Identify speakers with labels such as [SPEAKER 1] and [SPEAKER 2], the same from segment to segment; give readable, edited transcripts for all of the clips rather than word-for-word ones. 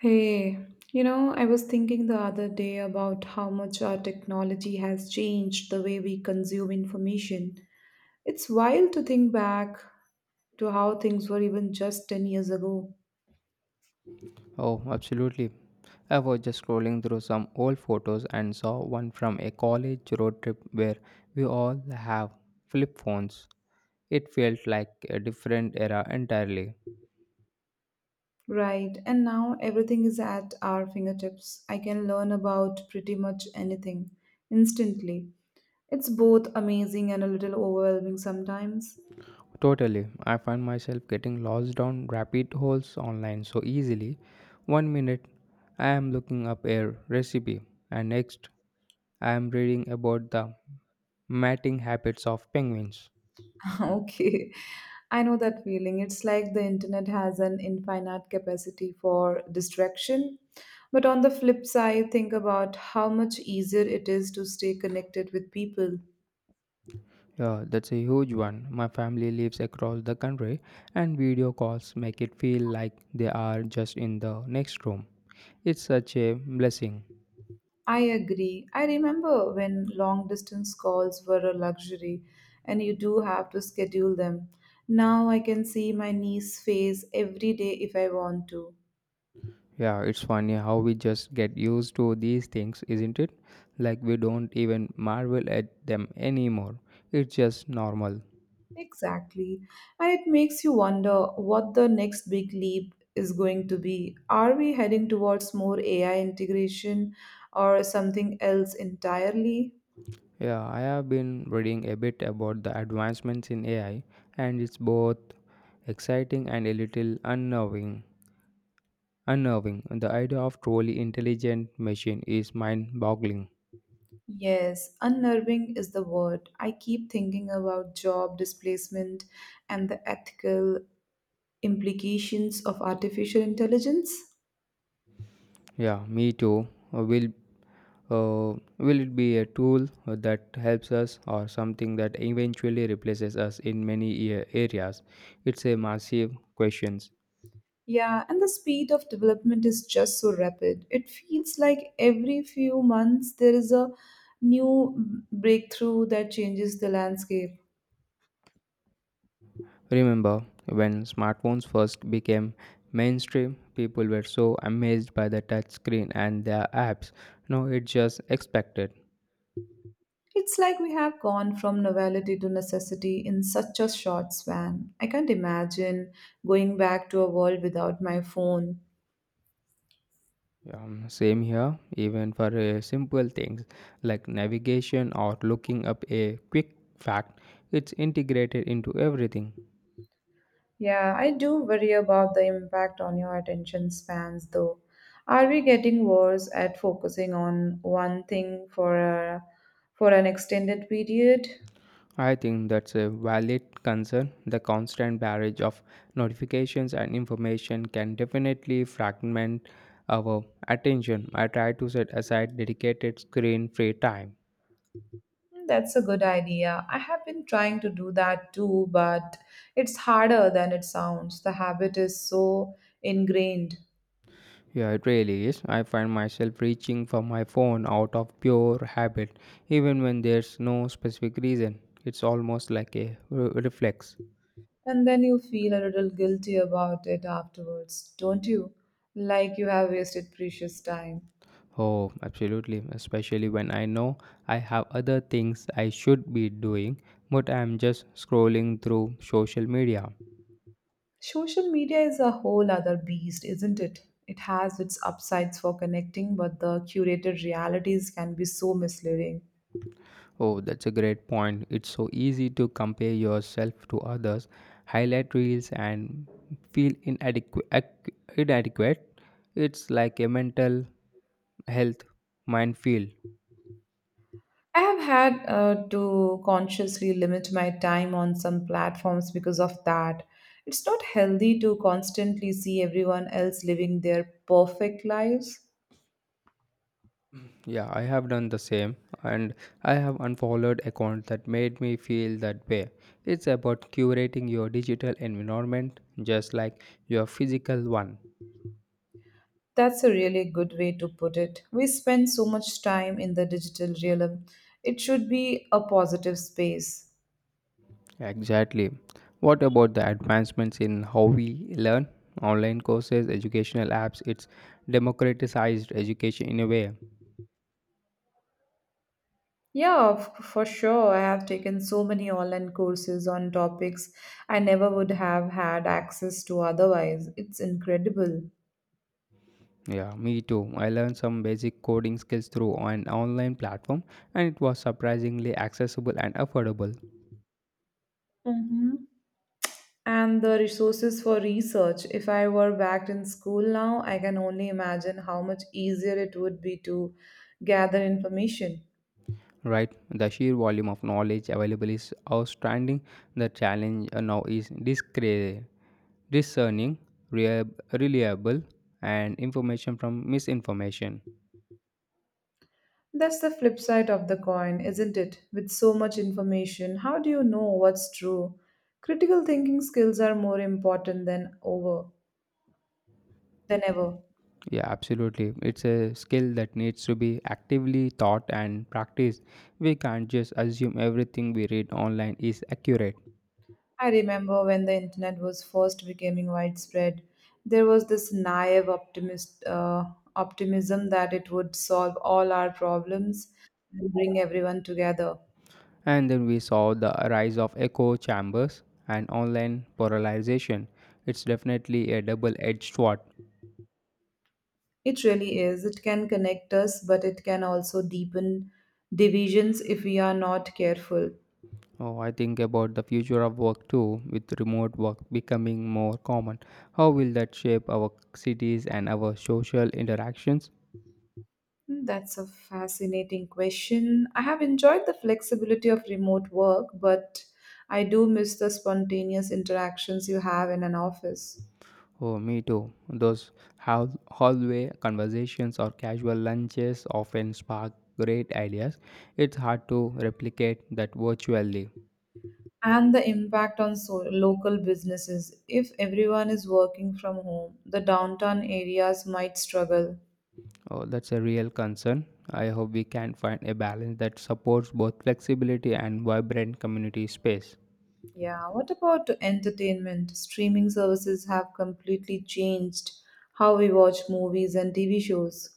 [SPEAKER 1] Hey, you know, I was thinking the other day about how much our technology has changed the way we consume information. It's wild to think back to how things were even just 10 years ago,
[SPEAKER 2] Oh, absolutely. I was just scrolling through some old photos and saw one from a college road trip where we all have flip phones. It felt like a different era entirely.
[SPEAKER 1] right? And now everything is at our fingertips. I can learn about pretty much anything instantly. It's both amazing and a little overwhelming sometimes.
[SPEAKER 2] Totally. I find myself getting lost down rabbit holes online so easily. One minute I am looking up a recipe, and next I am reading about the mating habits of penguins.
[SPEAKER 1] Okay, I know that feeling. It's like the internet has an infinite capacity for distraction. But on the flip side, think about how much easier it is to stay connected with people.
[SPEAKER 2] Yeah, that's a huge one. My family lives across the country, and video calls make it feel like they are just in the next room. It's such a blessing.
[SPEAKER 1] I agree. I remember when long distance calls were a luxury and you do have to schedule them. Now I can see my niece's face every day if I want to.
[SPEAKER 2] Yeah, it's funny how we just get used to these things, isn't it? Like we don't even marvel at them anymore. It's just normal.
[SPEAKER 1] Exactly. And it makes you wonder what the next big leap is going to be. Are we heading towards more AI integration or something else entirely?
[SPEAKER 2] Yeah, I have been reading a bit about the advancements in AI, and it's both exciting and a little unnerving. Unnerving. The idea of truly intelligent machine is mind-boggling.
[SPEAKER 1] Yes, unnerving is the word. I keep thinking about job displacement and the ethical implications of artificial intelligence.
[SPEAKER 2] Yeah, me too. Uh, Will will it be a tool that helps us or something that eventually replaces us in many areas? It's a massive question.
[SPEAKER 1] Yeah, and the speed of development is just so rapid. It feels like every few months there is a new breakthrough that changes the landscape.
[SPEAKER 2] Remember when smartphones first became mainstream, people were so amazed by the touch screen and their apps. Now it's just expected.
[SPEAKER 1] It's like we have gone from novelty to necessity in such a short span. I can't imagine going back to a world without my phone.
[SPEAKER 2] Yeah, same here. Even for simple things like navigation or looking up a quick fact, it's integrated into everything.
[SPEAKER 1] Yeah, I do worry about the impact on your attention spans though. Are we getting worse at focusing on one thing for an extended period?
[SPEAKER 2] I think that's a valid concern. The constant barrage of notifications and information can definitely fragment our attention. I try to set aside dedicated screen free time.
[SPEAKER 1] Mm, that's a good idea. I have been trying to do that too, but it's harder than it sounds. The habit is so ingrained.
[SPEAKER 2] Yeah, it really is. I find myself reaching for my phone out of pure habit, even when there's no specific reason. It's almost like a reflex.
[SPEAKER 1] And then you feel a little guilty about it afterwards, don't you? Like you have wasted precious time.
[SPEAKER 2] Oh, absolutely. Especially when I know I have other things I should be doing, but I'm just scrolling through social media.
[SPEAKER 1] Social media is a whole other beast, isn't it? It has its upsides for connecting, but the curated realities can be so misleading.
[SPEAKER 2] Oh, that's a great point. It's so easy to compare yourself to others, highlight reels, and feel inadequate. It's like a mental health minefield.
[SPEAKER 1] I have had to consciously limit my time on some platforms because of that. It's not healthy to constantly see everyone else living their perfect lives.
[SPEAKER 2] Yeah, I have done the same, and I have unfollowed accounts that made me feel that way. It's about curating your digital environment just like your physical one.
[SPEAKER 1] That's a really good way to put it. We spend so much time in the digital realm. It should be a positive space.
[SPEAKER 2] Exactly. What about the advancements in how we learn? Online courses, educational apps, it's democratized education in a way.
[SPEAKER 1] Yeah, for sure. I have taken so many online courses on topics I never would have had access to otherwise. It's incredible.
[SPEAKER 2] Yeah, me too. I learned some basic coding skills through an online platform, and it was surprisingly accessible and affordable.
[SPEAKER 1] Mm-hmm. And the resources for research. If I were back in school now, I can only imagine how much easier it would be to gather information.
[SPEAKER 2] Right, the sheer volume of knowledge available is outstanding. The challenge now is discerning reliable and information from misinformation.
[SPEAKER 1] That's the flip side of the coin, isn't it? With so much information, how do you know what's true? Critical thinking skills are more important than over than ever.
[SPEAKER 2] Yeah, absolutely. It's a skill that needs to be actively taught and practiced. We can't just assume everything we read online is accurate.
[SPEAKER 1] I remember when the internet was first becoming widespread, there was this optimism that it would solve all our problems and bring everyone together.
[SPEAKER 2] And then we saw the rise of echo chambers and online polarization. It's definitely a double-edged sword.
[SPEAKER 1] It really is. It can connect us, but it can also deepen divisions if we are not careful.
[SPEAKER 2] Oh, I think about the future of work too, with remote work becoming more common. How will that shape our cities and our social interactions?
[SPEAKER 1] Hmm, that's a fascinating question. I have enjoyed the flexibility of remote work, but I do miss the spontaneous interactions you have in an office.
[SPEAKER 2] Oh, me too. Those hallway conversations or casual lunches often spark great ideas. It's hard to replicate that virtually.
[SPEAKER 1] And the impact on local businesses. If everyone is working from home, the downtown areas might struggle.
[SPEAKER 2] Oh, that's a real concern. I hope we can find a balance that supports both flexibility and vibrant community space.
[SPEAKER 1] Yeah, what about entertainment? Streaming services have completely changed how we watch movies and TV shows.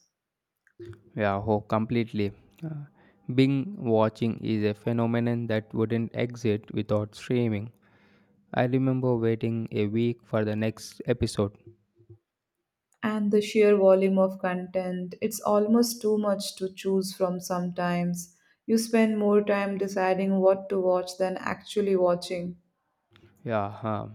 [SPEAKER 2] Yeah, oh, completely. Uh, Bing watching is a phenomenon that wouldn't exist without streaming. I remember waiting a week for the next episode.
[SPEAKER 1] And the sheer volume of content, it's almost too much to choose from sometimes. You spend more time deciding what to watch than actually watching.
[SPEAKER 2] Yeah, huh.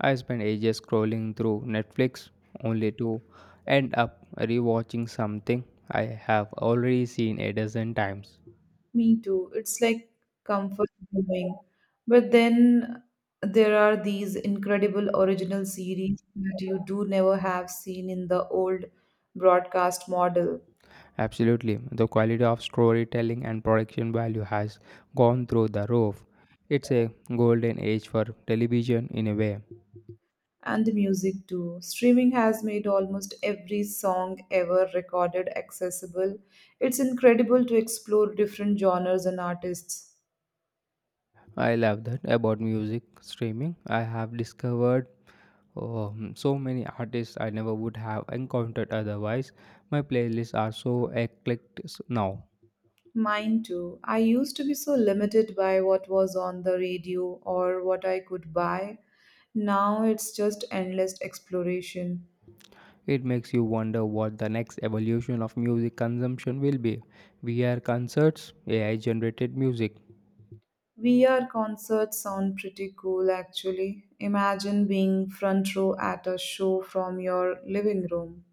[SPEAKER 2] I spent ages scrolling through Netflix only to end up rewatching something I have already seen a dozen times.
[SPEAKER 1] Me too. It's like comfort viewing. But then there are these incredible original series that you do never have seen in the old broadcast model.
[SPEAKER 2] Absolutely, the quality of storytelling and production value has gone through the roof. It's a golden age for television in a way.
[SPEAKER 1] And the music too. Streaming has made almost every song ever recorded accessible. It's incredible to explore different genres and artists.
[SPEAKER 2] I love that about music streaming. I have discovered so many artists I never would have encountered otherwise. My playlists are so eclectic now.
[SPEAKER 1] Mine too. I used to be so limited by what was on the radio or what I could buy. Now it's just endless exploration.
[SPEAKER 2] It makes you wonder what the next evolution of music consumption will be. VR concerts, AI generated music.
[SPEAKER 1] VR concerts sound pretty cool actually. Imagine being front row at a show from your living room.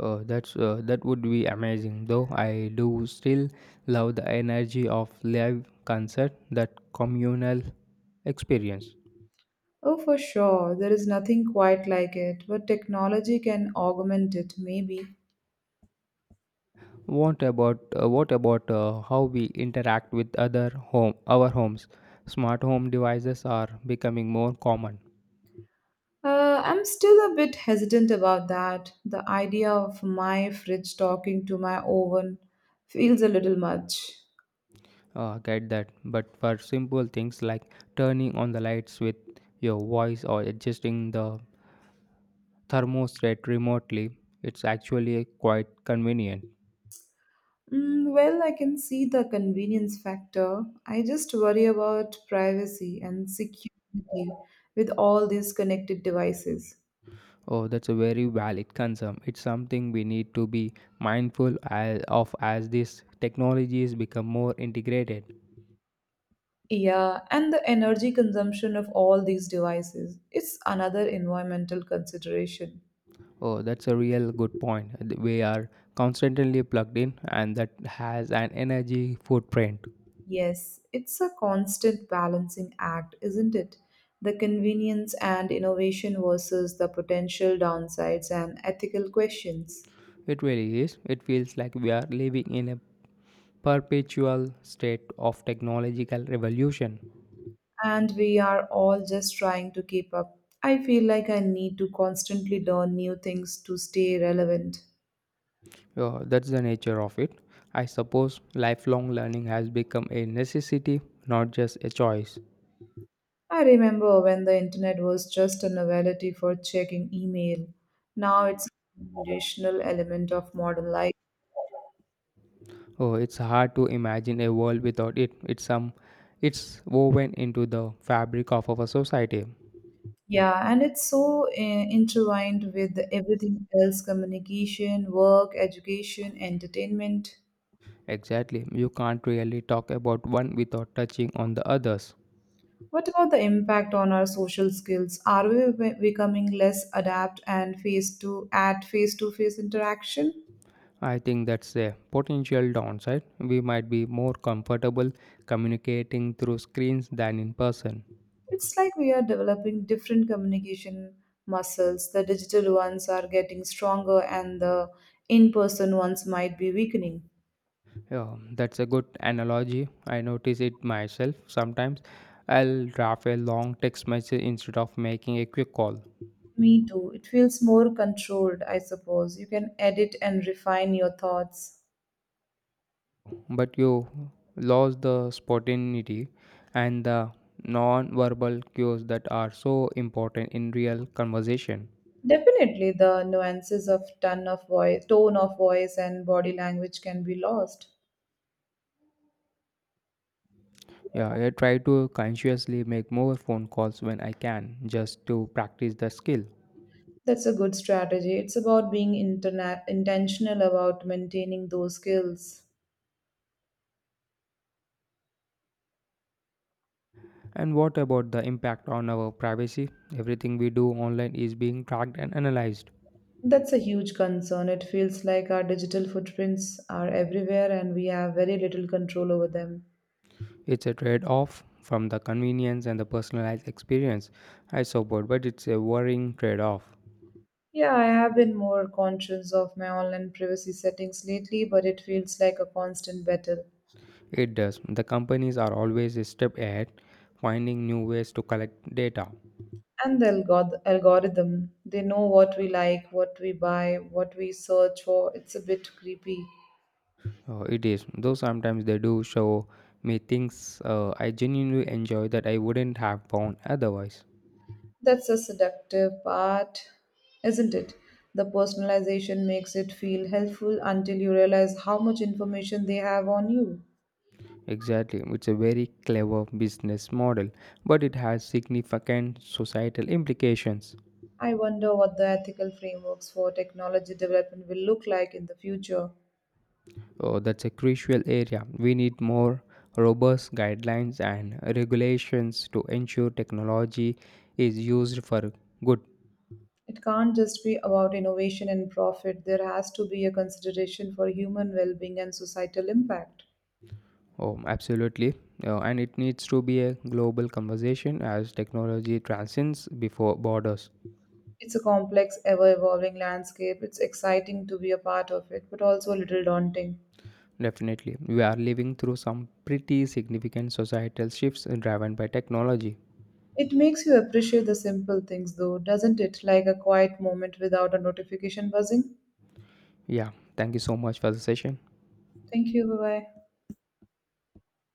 [SPEAKER 2] That would be amazing though. I do still love the energy of live concert, that communal experience.
[SPEAKER 1] Oh, for sure, there is nothing quite like it, but technology can augment it, maybe.
[SPEAKER 2] What about how we interact with other home our homes? Smart home devices are becoming more common.
[SPEAKER 1] I'm still a bit hesitant about that. The idea of my fridge talking to my oven feels a little much.
[SPEAKER 2] Get that, but for simple things like turning on the lights with your voice or adjusting the thermostat remotely, it's actually quite convenient.
[SPEAKER 1] Mm, well, I can see the convenience factor. I just worry about privacy and security with all these connected devices.
[SPEAKER 2] Oh, that's a very valid concern. It's something we need to be mindful as, of as these technologies become more integrated.
[SPEAKER 1] Yeah, and the energy consumption of all these devices. It's another environmental consideration.
[SPEAKER 2] Oh, that's a real good point. We are constantly plugged in, and that has an energy footprint.
[SPEAKER 1] Yes, it's a constant balancing act, isn't it? The convenience and innovation versus the potential downsides and ethical questions.
[SPEAKER 2] It really is. It feels like we are living in a perpetual state of technological revolution.
[SPEAKER 1] And we are all just trying to keep up. I feel like I need to constantly learn new things to stay relevant.
[SPEAKER 2] Oh, that's the nature of it. I suppose lifelong learning has become a necessity, not just a choice.
[SPEAKER 1] I remember when the internet was just a novelty for checking email. Now it's a foundational element of modern life.
[SPEAKER 2] Oh, it's hard to imagine a world without it. It's woven into the fabric of our society.
[SPEAKER 1] Yeah, and it's so intertwined with everything else, communication, work, education, entertainment.
[SPEAKER 2] Exactly. You can't really talk about one without touching on the others.
[SPEAKER 1] What about the impact on our social skills? Are we becoming less adept and face to at face-to-face interaction?
[SPEAKER 2] I think that's a potential downside. We might be more comfortable communicating through screens than in person.
[SPEAKER 1] It's like we are developing different communication muscles. The digital ones are getting stronger and the in-person ones might be weakening.
[SPEAKER 2] Yeah, that's a good analogy. I notice it myself sometimes. I'll draft a long text message instead of making a quick call.
[SPEAKER 1] Me too. It feels more controlled, I suppose. You can edit and refine your thoughts.
[SPEAKER 2] But you lose the spontaneity and the non verbal cues that are so important in real conversation.
[SPEAKER 1] Definitely, the nuances of tone of voice, and body language can be lost.
[SPEAKER 2] Yeah, I try to consciously make more phone calls when I can just to practice the skill.
[SPEAKER 1] That's a good strategy. It's about being intentional about maintaining those skills.
[SPEAKER 2] And what about the impact on our privacy? Everything we do online is being tracked and analyzed.
[SPEAKER 1] That's a huge concern. It feels like our digital footprints are everywhere and we have very little control over them.
[SPEAKER 2] It's a trade off from the convenience and the personalized experience. I support, but it's a worrying trade off.
[SPEAKER 1] Yeah, I have been more conscious of my online privacy settings lately, but it feels like a constant battle.
[SPEAKER 2] It does. The companies are always a step ahead, finding new ways to collect data.
[SPEAKER 1] And algorithm, they know what we like, what we buy, what we search for. It's a bit creepy.
[SPEAKER 2] Oh, it is. Though sometimes they do show me things I genuinely enjoy that I wouldn't have found otherwise.
[SPEAKER 1] That's a seductive part, isn't it? The personalization makes it feel helpful until you realize how much information they have on you.
[SPEAKER 2] Exactly. It's a very clever business model, but it has significant societal implications.
[SPEAKER 1] I wonder what the ethical frameworks for technology development will look like in the future.
[SPEAKER 2] Oh, that's a crucial area. We need more robust guidelines and regulations to ensure technology is used for good.
[SPEAKER 1] It can't just be about innovation and profit. There has to be a consideration for human well-being and societal impact.
[SPEAKER 2] Oh, absolutely. And it needs to be a global conversation as technology transcends before borders.
[SPEAKER 1] It's a complex, ever evolving landscape. It's exciting to be a part of it, but also a little daunting.
[SPEAKER 2] Definitely. We are living through some pretty significant societal shifts driven by technology.
[SPEAKER 1] It makes you appreciate the simple things, though, doesn't it? Like a quiet moment without a notification buzzing.
[SPEAKER 2] Yeah. Thank you so much for the session.
[SPEAKER 1] Thank you. Bye bye.